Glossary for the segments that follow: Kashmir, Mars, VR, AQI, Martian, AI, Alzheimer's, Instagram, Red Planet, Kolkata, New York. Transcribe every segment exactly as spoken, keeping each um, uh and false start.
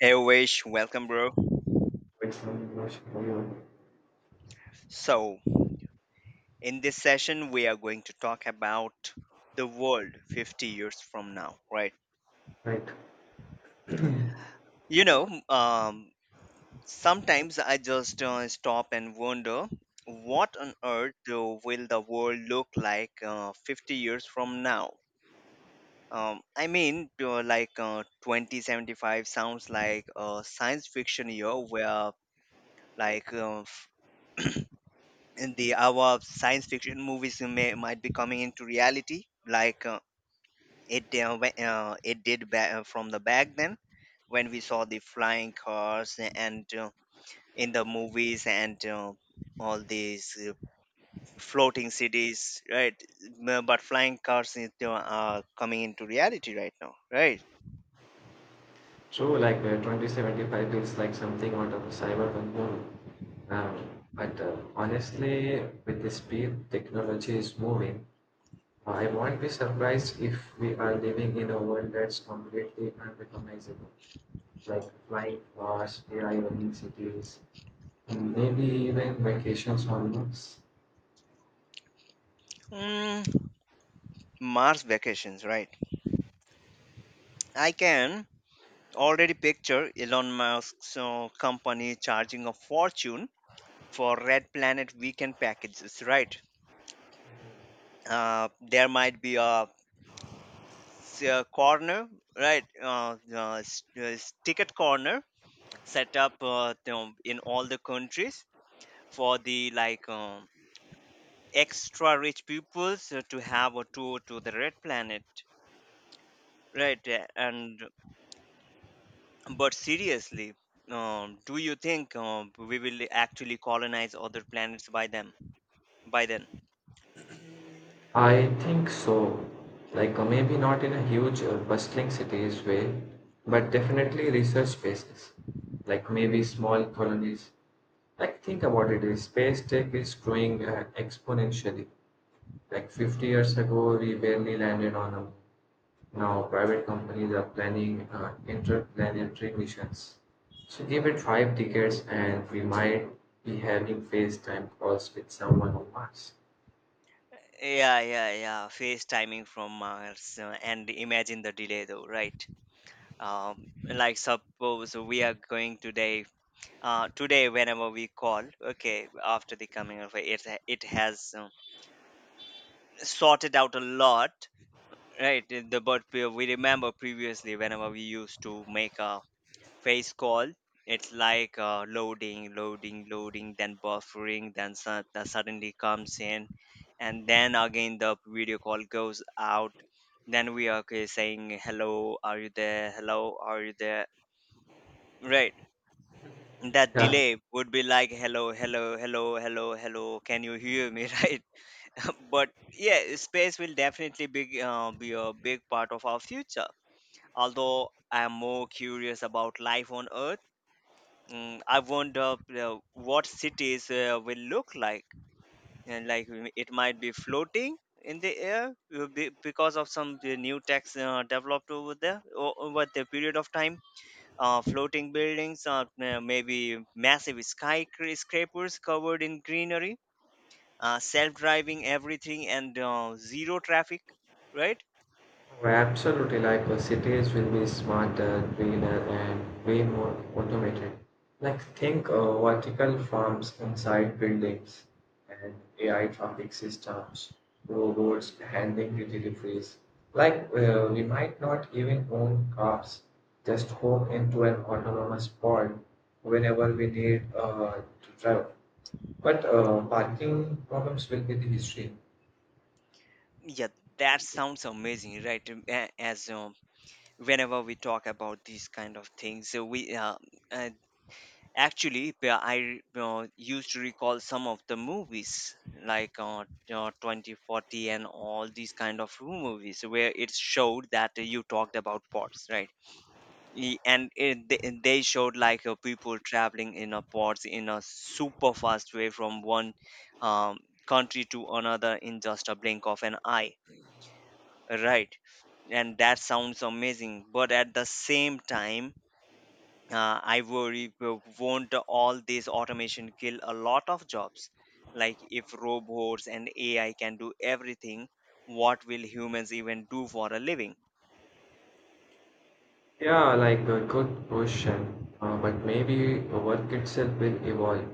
Hey Wish, welcome bro. It's not much for yeah. So, in this session we are going to talk about the world fifty years from now, right? Right. You know, um Sometimes I just uh, stop and wonder what on earth uh, will the world look like uh, fifty years from now? Um, I mean, uh, like uh, twenty seventy-five sounds like a science fiction year where like uh, in the our science fiction movies may might be coming into reality, like uh, it uh, whe- uh, it did ba- uh, from the back then when we saw the flying cars, and uh, in the movies, and uh, all these uh, floating cities, right? M- but flying cars is, uh, are coming into reality right now, right? True, like uh, twenty seventy-five feels like something out of a cyberpunk movie. Um, but uh, honestly, with the speed technology is moving, I won't be surprised if we are living in a world that's completely unrecognizable, like flying cars, A I running cities, and maybe even vacations on Mars. Mm, Mars vacations, right? I can already picture Elon Musk's uh, company charging a fortune for Red Planet weekend packages, right? Uh, there might be a, s- a corner, right? Uh, uh, s- uh, s- ticket corner set up, uh, you know, in all the countries for the like um, extra rich peoples uh, to have a tour to the Red Planet, right? Uh, And but seriously. Um, do you think um, we will actually colonize other planets by them by then? I think so. Like uh, maybe not in a huge, uh, bustling cities way, but definitely research spaces. Like maybe small colonies. Like think about it, is space tech is growing uh, exponentially. Like fifty years ago, we barely landed on a moon. Now private companies are planning uh, interplanetary missions. So give it five decades, and we might be having FaceTime calls with someone on Mars. Yeah, yeah, yeah. FaceTiming from Mars, uh, and imagine the delay though, right? Um, like, suppose we are going today, uh, today, whenever we call, okay, after the coming of it, it has uh, sorted out a lot, right? The but we we remember previously whenever we used to make a face call, it's like, uh, loading loading loading, then buffering, then su- that suddenly comes in, and then again the video call goes out, then we are, okay, saying, hello, are you there, hello, are you there, right? That Yeah. delay would be like, hello, hello, hello, hello, hello, can you hear me? Right? But yeah, space will definitely be, uh, be a big part of our future, although I am more curious about life on Earth. Mm, I wonder uh, what cities uh, will look like, and like mm, it might be floating in the air uh, be- because of some uh, new tax uh, developed over there o- over the period of time. Uh, floating buildings, uh, uh, maybe massive skyscrapers covered in greenery, uh, self-driving everything, and uh, zero traffic. Right? Oh, absolutely, like uh, cities will be smarter, greener, and way more automated. Like think uh, vertical farms inside buildings and A I traffic systems, robots handling the deliveries. Like uh, we might not even own cars, just hop into an autonomous pod whenever we need uh, to travel. But uh, parking problems will be the history. Yeah, that sounds amazing, right? Um, a- As um, whenever we talk about these kind of things, so we uh, uh, actually, where I uh, used to recall some of the movies, like uh, uh, twenty forty, and all these kind of movies where it showed that you talked about pods, right? Y- And it, they and they showed like uh, people traveling in a pods in a super fast way from one um, country to another in just a blink of an eye, right? And that sounds amazing, but at the same time, uh, I worry, w- won't all this automation kill a lot of jobs? Like, if robots and A I can do everything, what will humans even do for a living? Yeah, like a good question. Uh, but maybe work itself will evolve.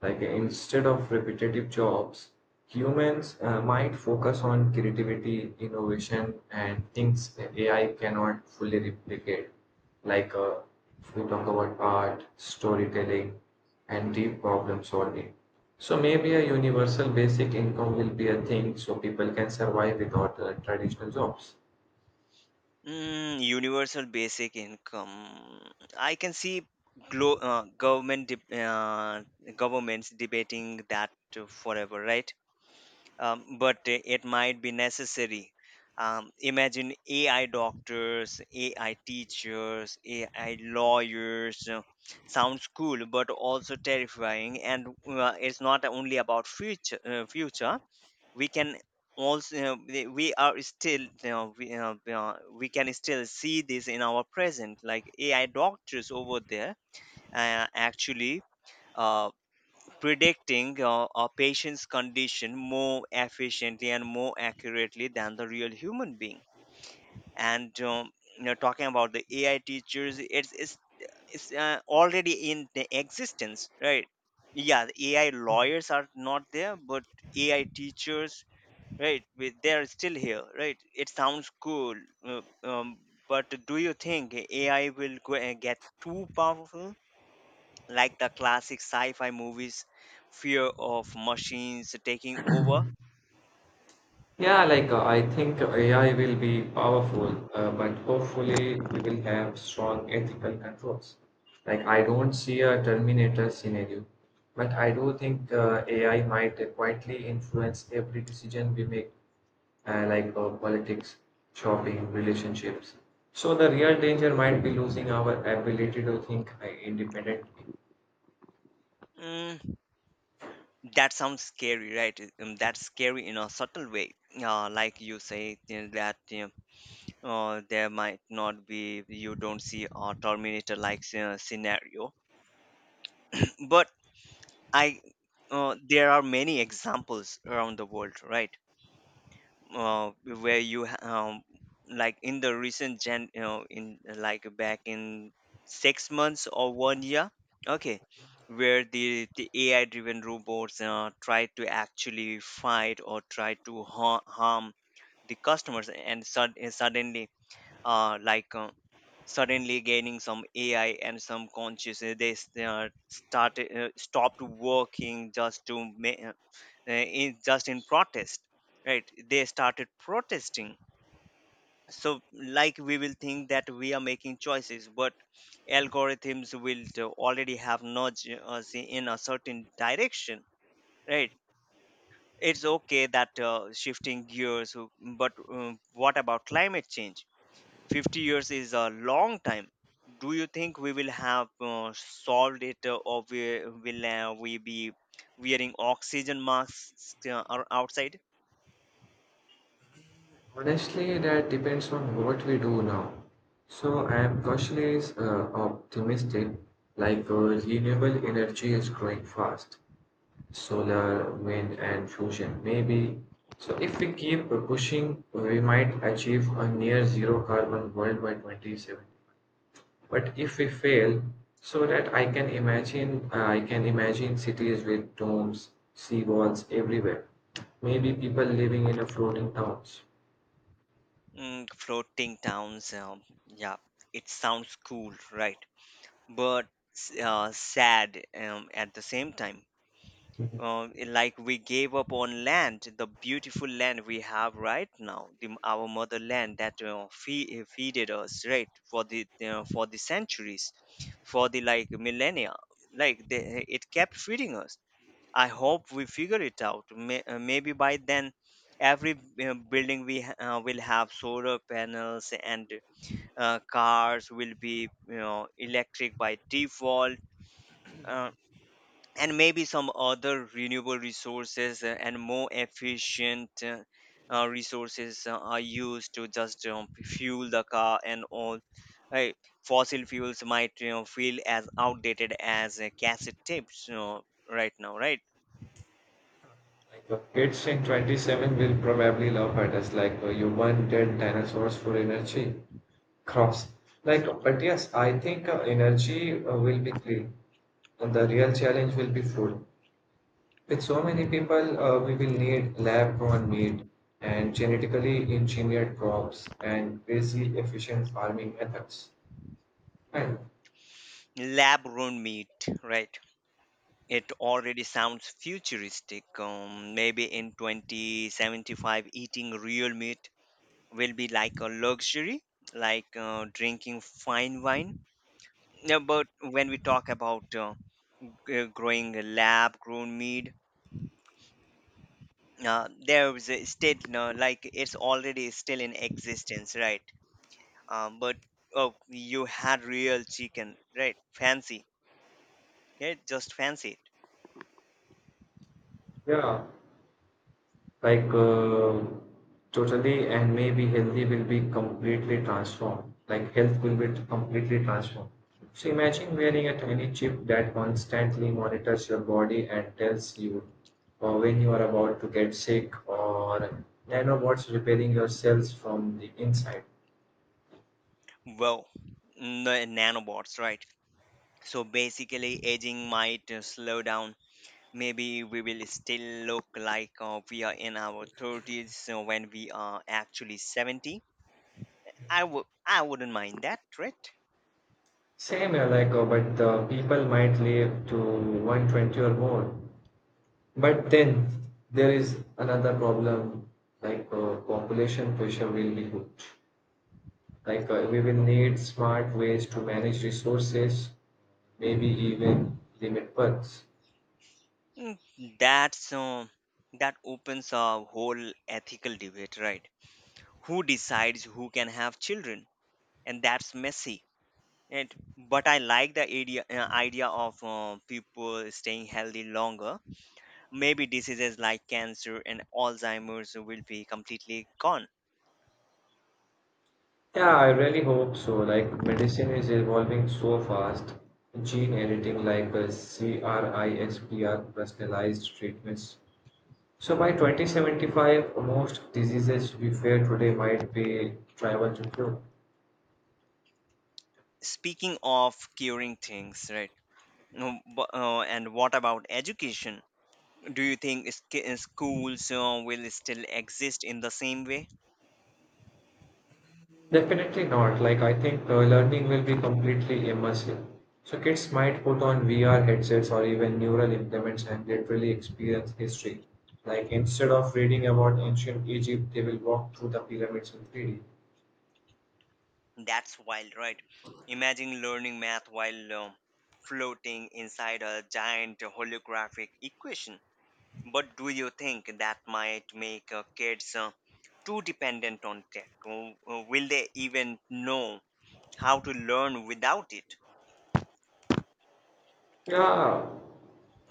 Like instead of repetitive jobs, humans uh, might focus on creativity, innovation, and things A I cannot fully replicate. Like uh, if we talk about art, storytelling, and deep problem solving. So maybe a universal basic income will be a thing so people can survive without uh, traditional jobs. Mm, universal basic income. I can see glo- uh, government deb- uh, governments debating that forever, right? Um, but i- it might be necessary. Um, imagine A I doctors, A I teachers, A I lawyers. You Sounds cool, but also terrifying. And uh, it's not only about future. Uh, future, we can also, we we are still, you know, we, you know, you know, we can still see this in our present. Like, A I doctors over there, uh, actually. Uh, Predicting uh, a patient's condition more efficiently and more accurately than the real human being. And um, you know, talking about the A I teachers, it's it's, it's uh, already in the existence, right? Yeah, the A I lawyers are not there, but A I teachers, right? we- They are still here, right? It sounds cool, uh, um, but do you think A I will go, uh, get too powerful? Like the classic sci-fi movies fear of machines taking over. Yeah, like uh, I think A I will be powerful, uh, but hopefully we will have strong ethical controls. Like I don't see a Terminator scenario, but I do think uh, A I might quietly influence every decision we make, uh, like uh, politics, shopping, relationships. So the real danger might be losing our ability to think uh, independently. Mm, that sounds scary, right? Um, that's scary in a subtle way. Uh, like, you say, you know, that you know, uh, there might not be, you don't see a terminator like scenario. But I uh, there are many examples around the world, right? uh, where you ha- um, like, in the recent gen you know, in like, back in six months or one year, okay, where the the ai driven robots uh, try to actually fight or try to ha- harm the customers, and sud- and suddenly, uh, like uh, suddenly gaining some A I and some consciousness. They s- uh, started uh, stopped working just to ma- uh, uh, in just in protest, right? They started protesting. So, like, we will think that we are making choices, but algorithms will do- already have nudged us in a certain direction, right? It's okay, that uh, shifting gears, uh, but um, what about climate change? fifty years is a long time. Do you think we will have uh, solved it, uh, or we, will uh, we be wearing oxygen masks uh, or outside? Honestly, that depends on what we do now. So I am cautiously uh, optimistic, like uh, renewable energy is growing fast, solar, wind, and fusion, maybe. So if we keep uh, pushing, we might achieve a near zero carbon world by twenty seventy. But if we fail, so that I can imagine, uh, I can imagine cities with domes, seawalls everywhere. Maybe people living in a floating towns. Mm, floating towns. Um, yeah, it sounds cool, right? But s- uh, sad um, at the same time, uh, like, we gave up on land, the beautiful land we have right now, the, our motherland that uh, fe- uh, feeded us, right, for the, uh, for the centuries, for the like millennia, like they, it kept feeding us. I hope we figure it out. May, uh, maybe by then, every uh, building we ha- uh, will have solar panels, and uh, cars will be, you know, electric by default. Uh, and maybe some other renewable resources uh, and more efficient uh, uh, resources uh, are used to just um, fuel the car and all, right? Fossil fuels might, you know, feel as outdated as uh, cassette tapes, you know, right now, right? Like the kids in twenty-seven will probably laugh at us like uh, you wanted dinosaurs for energy crops. Like, uh, but yes, I think uh, energy uh, will be clean and the real challenge will be food. With so many people, uh, we will need lab grown meat and genetically engineered crops and crazy efficient farming methods. And Lab grown meat, right? It already sounds futuristic. Um, maybe in twenty seventy-five, eating real meat will be like a luxury, like uh, drinking fine wine. Yeah, but when we talk about uh, g- growing lab grown meat, uh, there is a still no, like, it's already still in existence, right? Um, but oh, you had real chicken, right? Fancy, yeah, just fancy yeah, like uh, totally, and maybe healthy will be completely transformed, like health will be completely transformed. So imagine wearing a tiny chip that constantly monitors your body and tells you uh, when you are about to get sick, or nanobots repairing your cells from the inside. it. Well, n- nanobots, right? So, basically, aging might uh, slow down. Maybe we will still look like uh, we are in our thirties uh, when we are actually seventy. I would I wouldn't mind that, right? Same uh, like uh, but the people might live to one hundred twenty or more. But then there is another problem. Like uh, population pressure will be huge. Like uh, we will need smart ways to manage resources, maybe even limit births. Mm, that's um, that opens a whole ethical debate, right? Who decides who can have children? And that's messy. And but I like the idea uh, idea of uh, people staying healthy longer. Maybe diseases like cancer and Alzheimer's will be completely gone. Yeah, I really hope so. Like medicine is evolving so fast, gene editing like uh, crisper, personalized treatments. So by twenty seventy-five, most diseases we fear today might be tribal to cure. Speaking of curing things, right? No, bu- uh, and what about education? Do you think sk- uh, schools uh, will still exist in the same way? Definitely not. Like, I think uh, learning will be completely immersive. So, kids might put on V R headsets or even neural implements and literally experience history. Like, instead of reading about ancient Egypt, they will walk through the pyramids in three D. That's wild, right? Imagine learning math while um, floating inside a giant holographic equation. But do you think that might make uh, kids uh, too dependent on tech? Or, or will they even know how to learn without it? Yeah.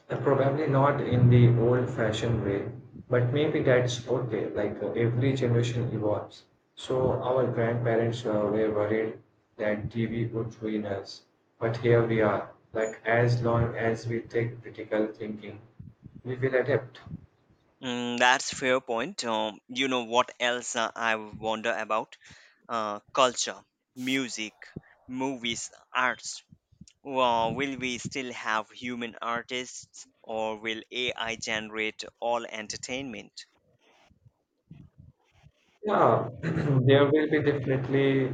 Uh, Probably not in the old-fashioned way, but maybe that's okay. Like uh, every generation evolves. So our grandparents uh, were worried that T V would ruin us, but here we are. Like as long as we take critical thinking, we will adapt. Mm, that's fair point. Um, you know what else uh, I wonder about? Uh, culture, music, movies, arts. Well, will we still have human artists or will A I generate all entertainment? Yeah, there will be definitely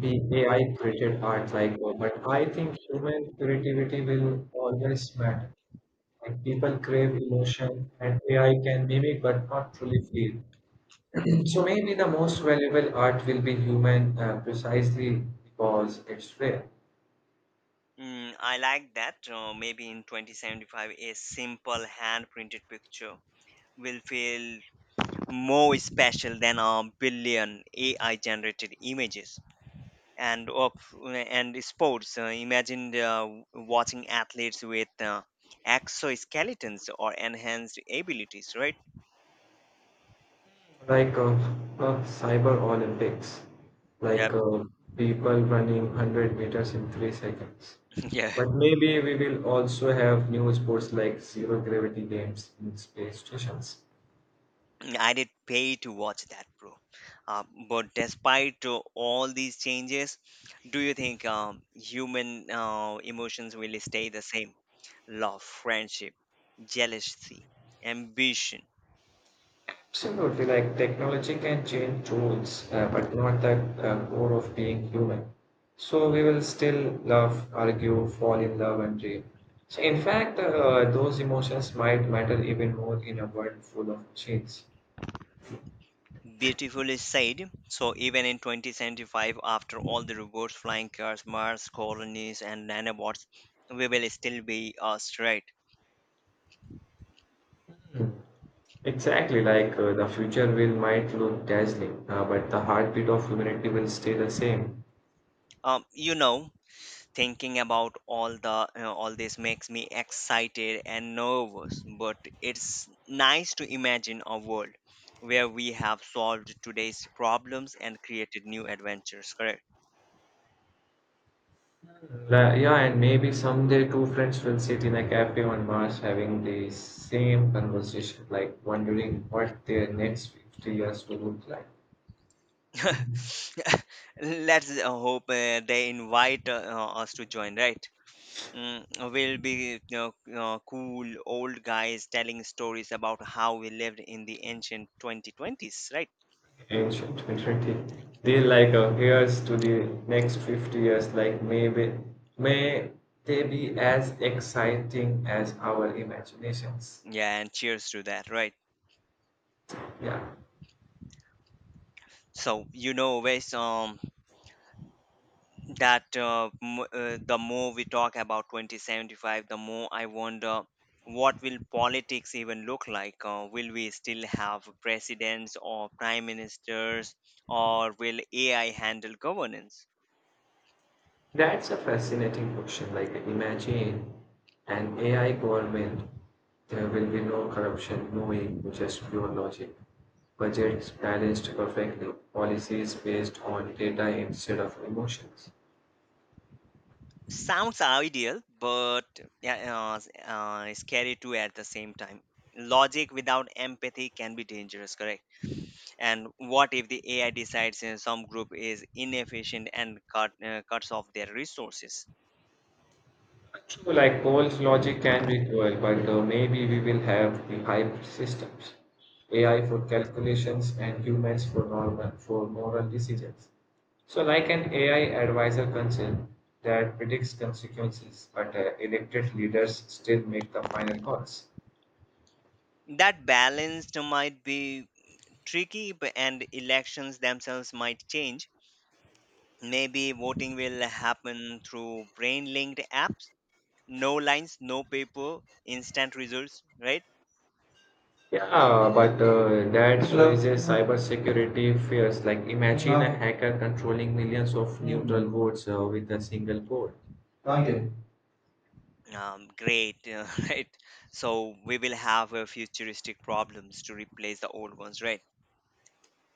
be A I created art, like, uh, but I think human creativity will always matter. Like people crave emotion and A I can mimic but not truly feel. So maybe the most valuable art will be human, uh, precisely because it's rare. Mm, I like that. Uh, maybe in twenty seventy-five, a simple hand printed picture will feel more special than a billion A I generated images. And of and sports, uh, imagine uh, watching athletes with uh, exoskeletons or enhanced abilities, right? Like uh, uh, Cyber Olympics, like Yep. uh, people running one hundred meters in three seconds. Yeah. But maybe we will also have new sports like zero gravity games in space stations. I did pay to watch that, bro. Uh, but despite uh, all these changes, do you think um, human uh, emotions will stay the same? Love, friendship, jealousy, ambition. Absolutely, like technology can change rules, uh, but not the uh, core of being human. So we will still love, argue, fall in love, and dream. So in fact, uh, those emotions might matter even more in a world full of machines. Beautifully said. So, even in twenty seventy-five, after all the robots, flying cars, Mars colonies, and nanobots, we will still be uh, straight. Exactly, like uh, the future will might look dazzling, uh, but the heartbeat of humanity will stay the same. Um, you know, thinking about all the you know, all this makes me excited and nervous, but it's nice to imagine a world where we have solved today's problems and created new adventures, correct? La- yeah, and maybe someday two friends will sit in a cafe on Mars having the same conversation, like wondering what their next fifty years will look like. Let's uh, hope uh, they invite uh, uh, us to join, right? Mm, we'll be, you know, uh, cool old guys telling stories about how we lived in the ancient twenty twenties, right? Ancient community. They like uh, here's to the next fifty years, like maybe may they be as exciting as our imaginations. Yeah, and cheers to that, right? Yeah. So you know based um. that uh, m- uh, The more we talk about twenty seventy-five, the more I wonder, what will politics even look like? Uh, will we still have presidents or prime ministers, or will AI handle governance? That's a fascinating question. Like, imagine an A I government. There will be no corruption, no ego, just pure logic. Budgets balanced perfectly, policies based on data instead of emotions. Sounds ideal, but yeah, uh, uh, scary too at the same time. Logic without empathy can be dangerous, correct? And what if the AI decides uh, some group is inefficient and cut, uh, cuts off their resources? True, like Paul's logic can be cruel, but uh, maybe we will have the hybrid systems. A I for calculations and humans for normal for moral decisions. So, like an A I advisor council that predicts consequences, but uh, elected leaders still make the final calls. That balance might be tricky, b- and elections themselves might change. Maybe voting will happen through brain linked apps. No lines, no paper, instant results, right? Yeah, but uh, that Hello. Raises cybersecurity fears. Like, imagine a hacker controlling millions of neutral votes uh, with a single code. Now. Um, great, uh, right? So we will have uh, futuristic problems to replace the old ones, right?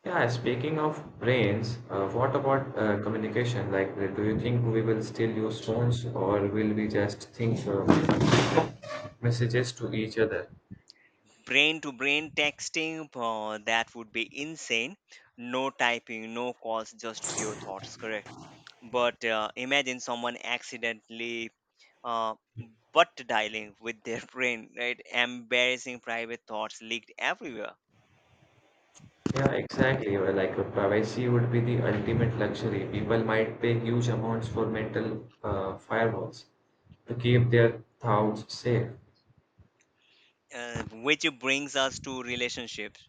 Yeah, speaking of brains, uh, what about uh, communication? Like, uh, do you think we will still use phones, or will we just think uh, messages to each other? Brain to brain texting, uh, that would be insane. No typing, no calls, just pure thoughts, correct? but uh, imagine someone accidentally uh, butt dialing with their brain, right? Embarrassing private thoughts leaked everywhere, Yeah, exactly. Well, like uh, privacy would be the ultimate luxury. People might pay huge amounts for mental uh, firewalls to keep their thoughts safe. uh, which brings us to relationships.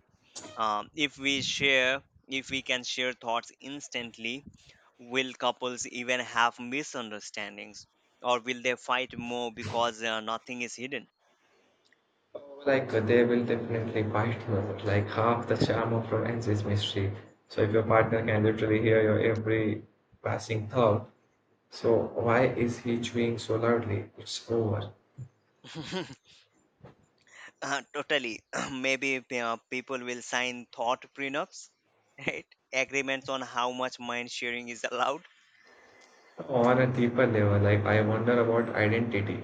Um, if we share, if we can share thoughts instantly, will couples even have misunderstandings? Or will they fight more because uh, nothing is hidden? Oh. Like uh, they will definitely bite you out. Like half the charm of romance is mystery. So if your partner can literally hear your every passing thought, so why is he chewing so loudly? It's over. Uh, totally. Maybe uh, people will sign thought prenups, right? Agreements on how much mind sharing is allowed On a deeper level, like I wonder about identity.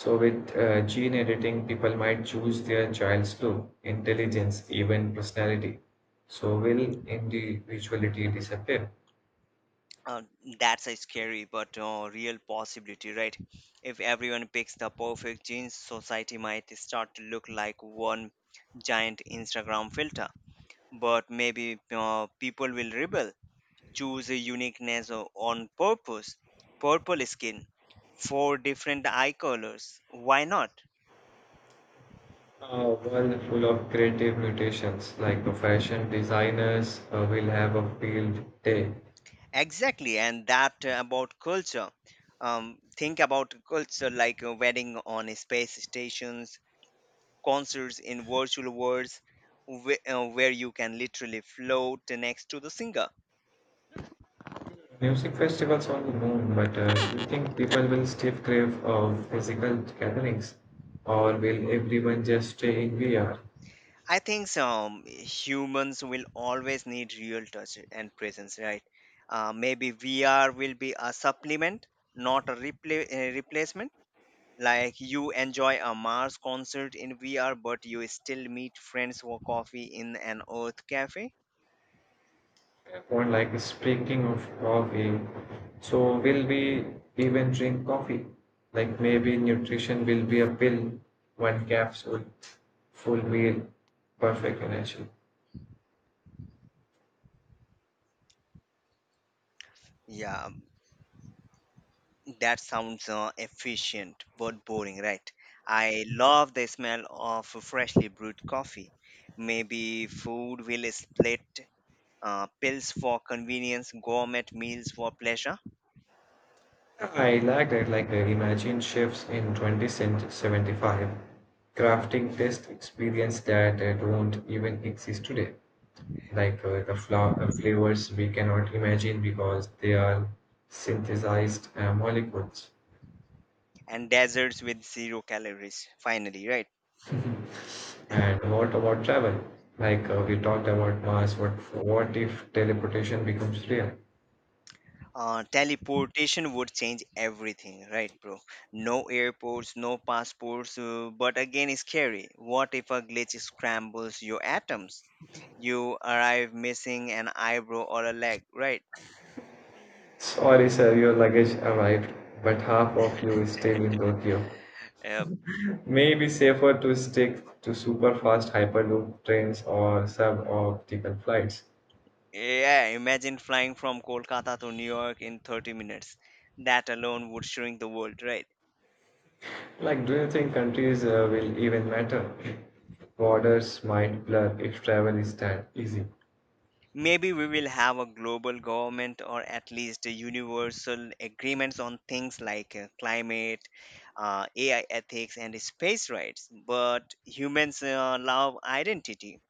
So with uh, gene editing, people might choose their child's look, intelligence, even personality. So will individuality disappear? uh, that's a scary but uh, real possibility, right? If everyone picks the perfect jeans, society might start to look like one giant Instagram filter. But maybe uh, people will rebel, choose a uniqueness o- on purpose, purple skin, four different eye colors. Why not? A world full of creative mutations, like uh, fashion designers uh, will have a field day. Exactly, and that uh, about culture. Um, think about culture like a wedding on space stations, concerts in virtual worlds where, uh, where you can literally float next to the singer. Music festivals on the moon. But uh, do you think people will still crave uh, physical gatherings, or will everyone just stay in V R? I think um, humans will always need real touch and presence, right? Uh, maybe V R will be a supplement, not a repla- uh, replacement. Like you enjoy a Mars concert in V R, but you still meet friends for coffee in an Earth cafe. Fair point. Like speaking of coffee, so will we even drink coffee? Like maybe nutrition will be a pill, one capsule, full meal, perfect energy. Yeah, that sounds uh, efficient but boring, right? I love the smell of freshly brewed coffee. Maybe food will split uh, pills for convenience, gourmet meals for pleasure, I like that. Like uh, imagine chefs in twenty seventy-five crafting taste experience that uh, don't even exist today. Like uh, the fla- uh, flavors we cannot imagine because they are synthesized uh, molecules. and desserts with zero calories. Finally, right? And what about travel? Like uh, we talked about Mars, what what if teleportation becomes real? Uh, teleportation would change everything, right, bro? No airports, no passports, uh, but again, it's scary. What if a glitch scrambles your atoms? You arrive missing an eyebrow or a leg, right? Sorry, sir, your luggage arrived, but half of you is still in Tokyo. Uh, Maybe safer to stick to super fast hyperloop trains or suborbital flights. yeah, imagine flying from Kolkata to New York in thirty minutes. That alone would shrink the world, right? Like, do you think countries uh, will even matter? Borders might blur if travel is that easy. Maybe we will have a global government or at least a universal agreements on things like uh, climate, uh, A I ethics, and space rights. But humans uh, love identity,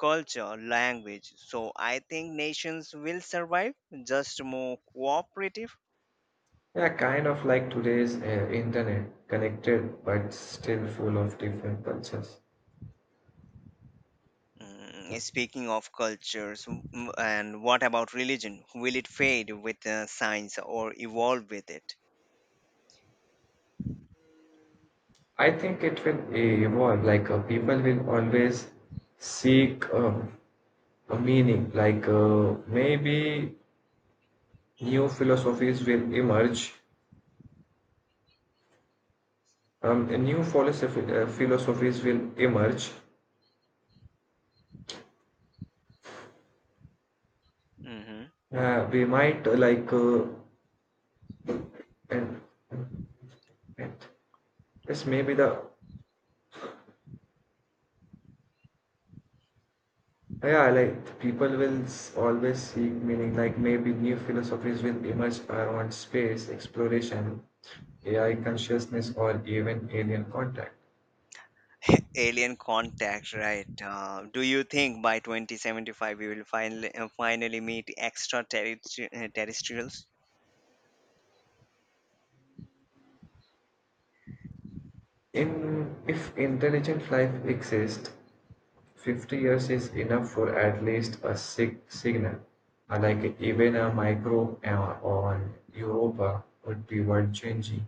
culture, language. So I think nations will survive, just more cooperative. Yeah, kind of like today's uh, internet, connected but still full of different cultures. Mm. Speaking of cultures, mm, and what about religion? Will it fade with uh, science or evolve with it? I think it will evolve. Like uh, people will always seek um, a meaning. Like uh, maybe new philosophies will emerge. Um, a new philosophy, uh, philosophies will emerge. hmm Uh, we might uh, like uh, and, and Yes, maybe the yeah like the people will s- always seek meaning. Like maybe new philosophies will emerge around space exploration, A I consciousness, or even alien contact. Alien contact, right? Uh, do you think by twenty seventy-five we will finally uh, finally meet extraterrestrials? In if intelligent life exists, fifty years is enough for at least a sig- signal. Uh, Like even a micro uh, on Europa would be world changing.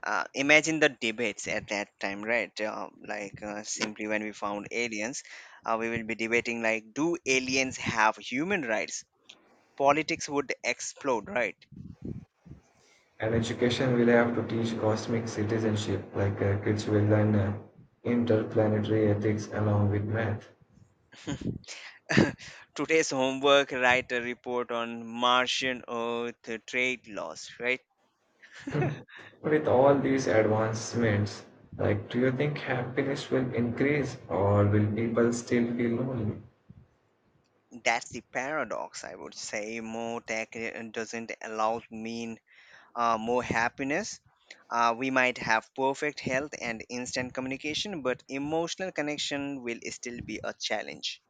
Uh, imagine the debates at that time, right? Uh, like uh, simply when we found aliens, uh, we will be debating like, do aliens have human rights? Politics would explode, right? And education will have to teach cosmic citizenship, like uh, kids will learn uh, interplanetary ethics along with math. Today's homework, write a report on Martian Earth trade laws, right? Hmm. With all these advancements, like do you think happiness will increase, or will people still feel lonely? That's the paradox, I would say. More tech uh, doesn't allow mean uh, more happiness. Uh, we might have perfect health and instant communication, but emotional connection will still be a challenge.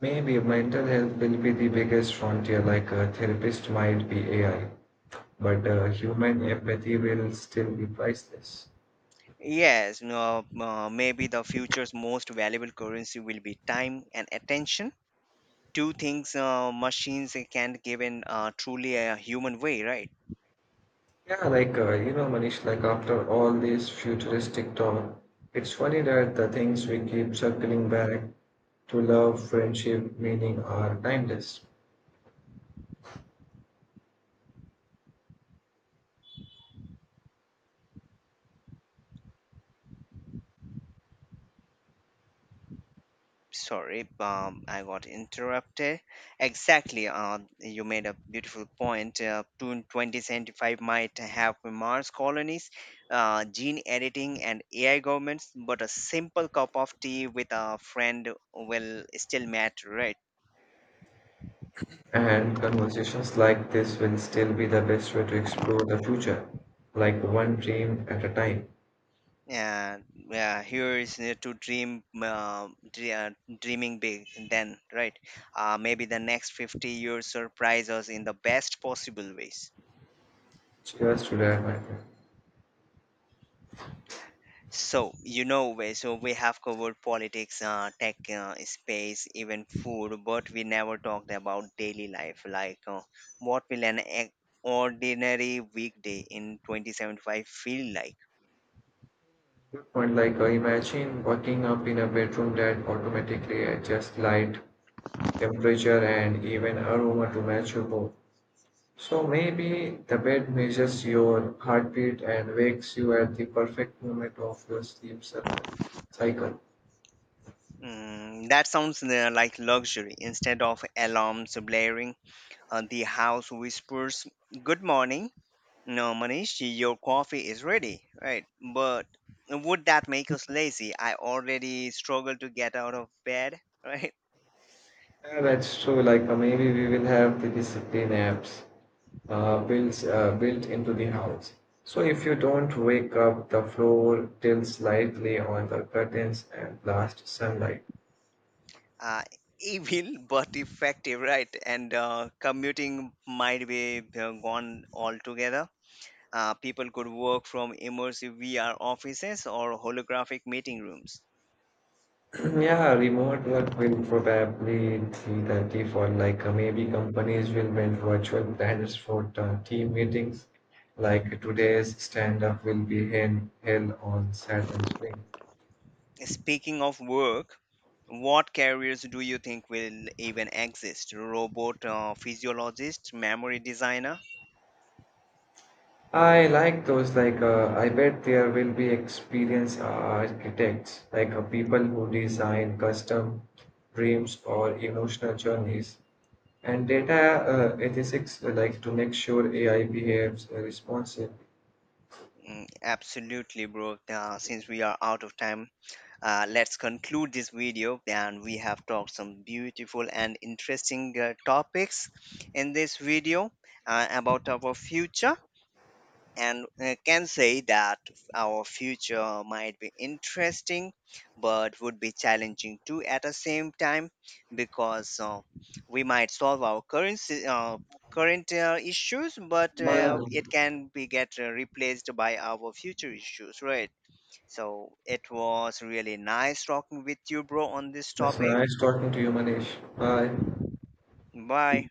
Maybe mental health will be the biggest frontier, like a therapist might be A I, but uh, human empathy will still be priceless. Yes, no, uh, maybe the future's most valuable currency will be time and attention. Two things uh, machines can't give in uh, truly a human way, right? Yeah, like, uh, you know, Manish, like after all this futuristic talk, it's funny that the things we keep circling back to, love, friendship, meaning, are timeless. Sorry, um, I got interrupted. Exactly, um, you made a beautiful point. uh, twenty seventy-five might have mars colonies, uh, gene editing and AI governments, but a simple cup of tea with a friend will still matter, right? And conversations like this will still be the best way to explore the future, like one dream at a time. Yeah, yeah, here is uh, to dream uh, dre- uh, dreaming big then, right? Uh, maybe the next fifty years surprise us in the best possible ways. Cheers to that, my friend. So, you know, we- so we have covered politics, uh, tech, uh, space, even food, but we never talked about daily life. Like, uh, what will an e- ordinary weekday in twenty seventy-five feel like? Good point. Like, uh, imagine waking up in a bedroom that automatically adjusts light, temperature, and even aroma to match your mood. So maybe the bed measures your heartbeat and wakes you at the perfect moment of your sleep cycle. Cycle. Mm, that sounds uh, like luxury. Instead of alarms blaring, uh, the house whispers, "Good morning. No, Manish, your coffee is ready," right? But would that make us lazy? I already struggle to get out of bed. Right? Yeah, that's true. Like, uh, maybe we will have the discipline apps uh, built uh, built into the house. So if you don't wake up, the floor tilts slightly on the curtains and blast sunlight. uh, Evil but effective, right? And uh, commuting might be uh, gone altogether. Uh, people could work from immersive V R offices or holographic meeting rooms. Yeah, remote work will probably be the default. Like uh, maybe companies will build virtual planners for the team meetings. Like today's stand-up will be held held on Saturn Spring. Speaking of work, what careers do you think will even exist? Robot uh, physiologist, memory designer? I like those. Like uh, I bet there will be experienced uh, architects, like uh, people who design custom dreams or emotional journeys, and data uh, ethics, uh, like to make sure A I behaves uh, responsibly. Mm, absolutely, bro. Uh, since we are out of time, Uh, let's conclude this video, and we have talked some beautiful and interesting uh, topics in this video uh, about our future. And uh, can say that our future might be interesting, but would be challenging too at the same time because uh, we might solve our current si- uh, current uh, issues, but But uh, it can be get uh, replaced by our future issues, right? So it was really nice talking with you, bro, on this it's topic. nice talking to you, Manish. Bye. Bye.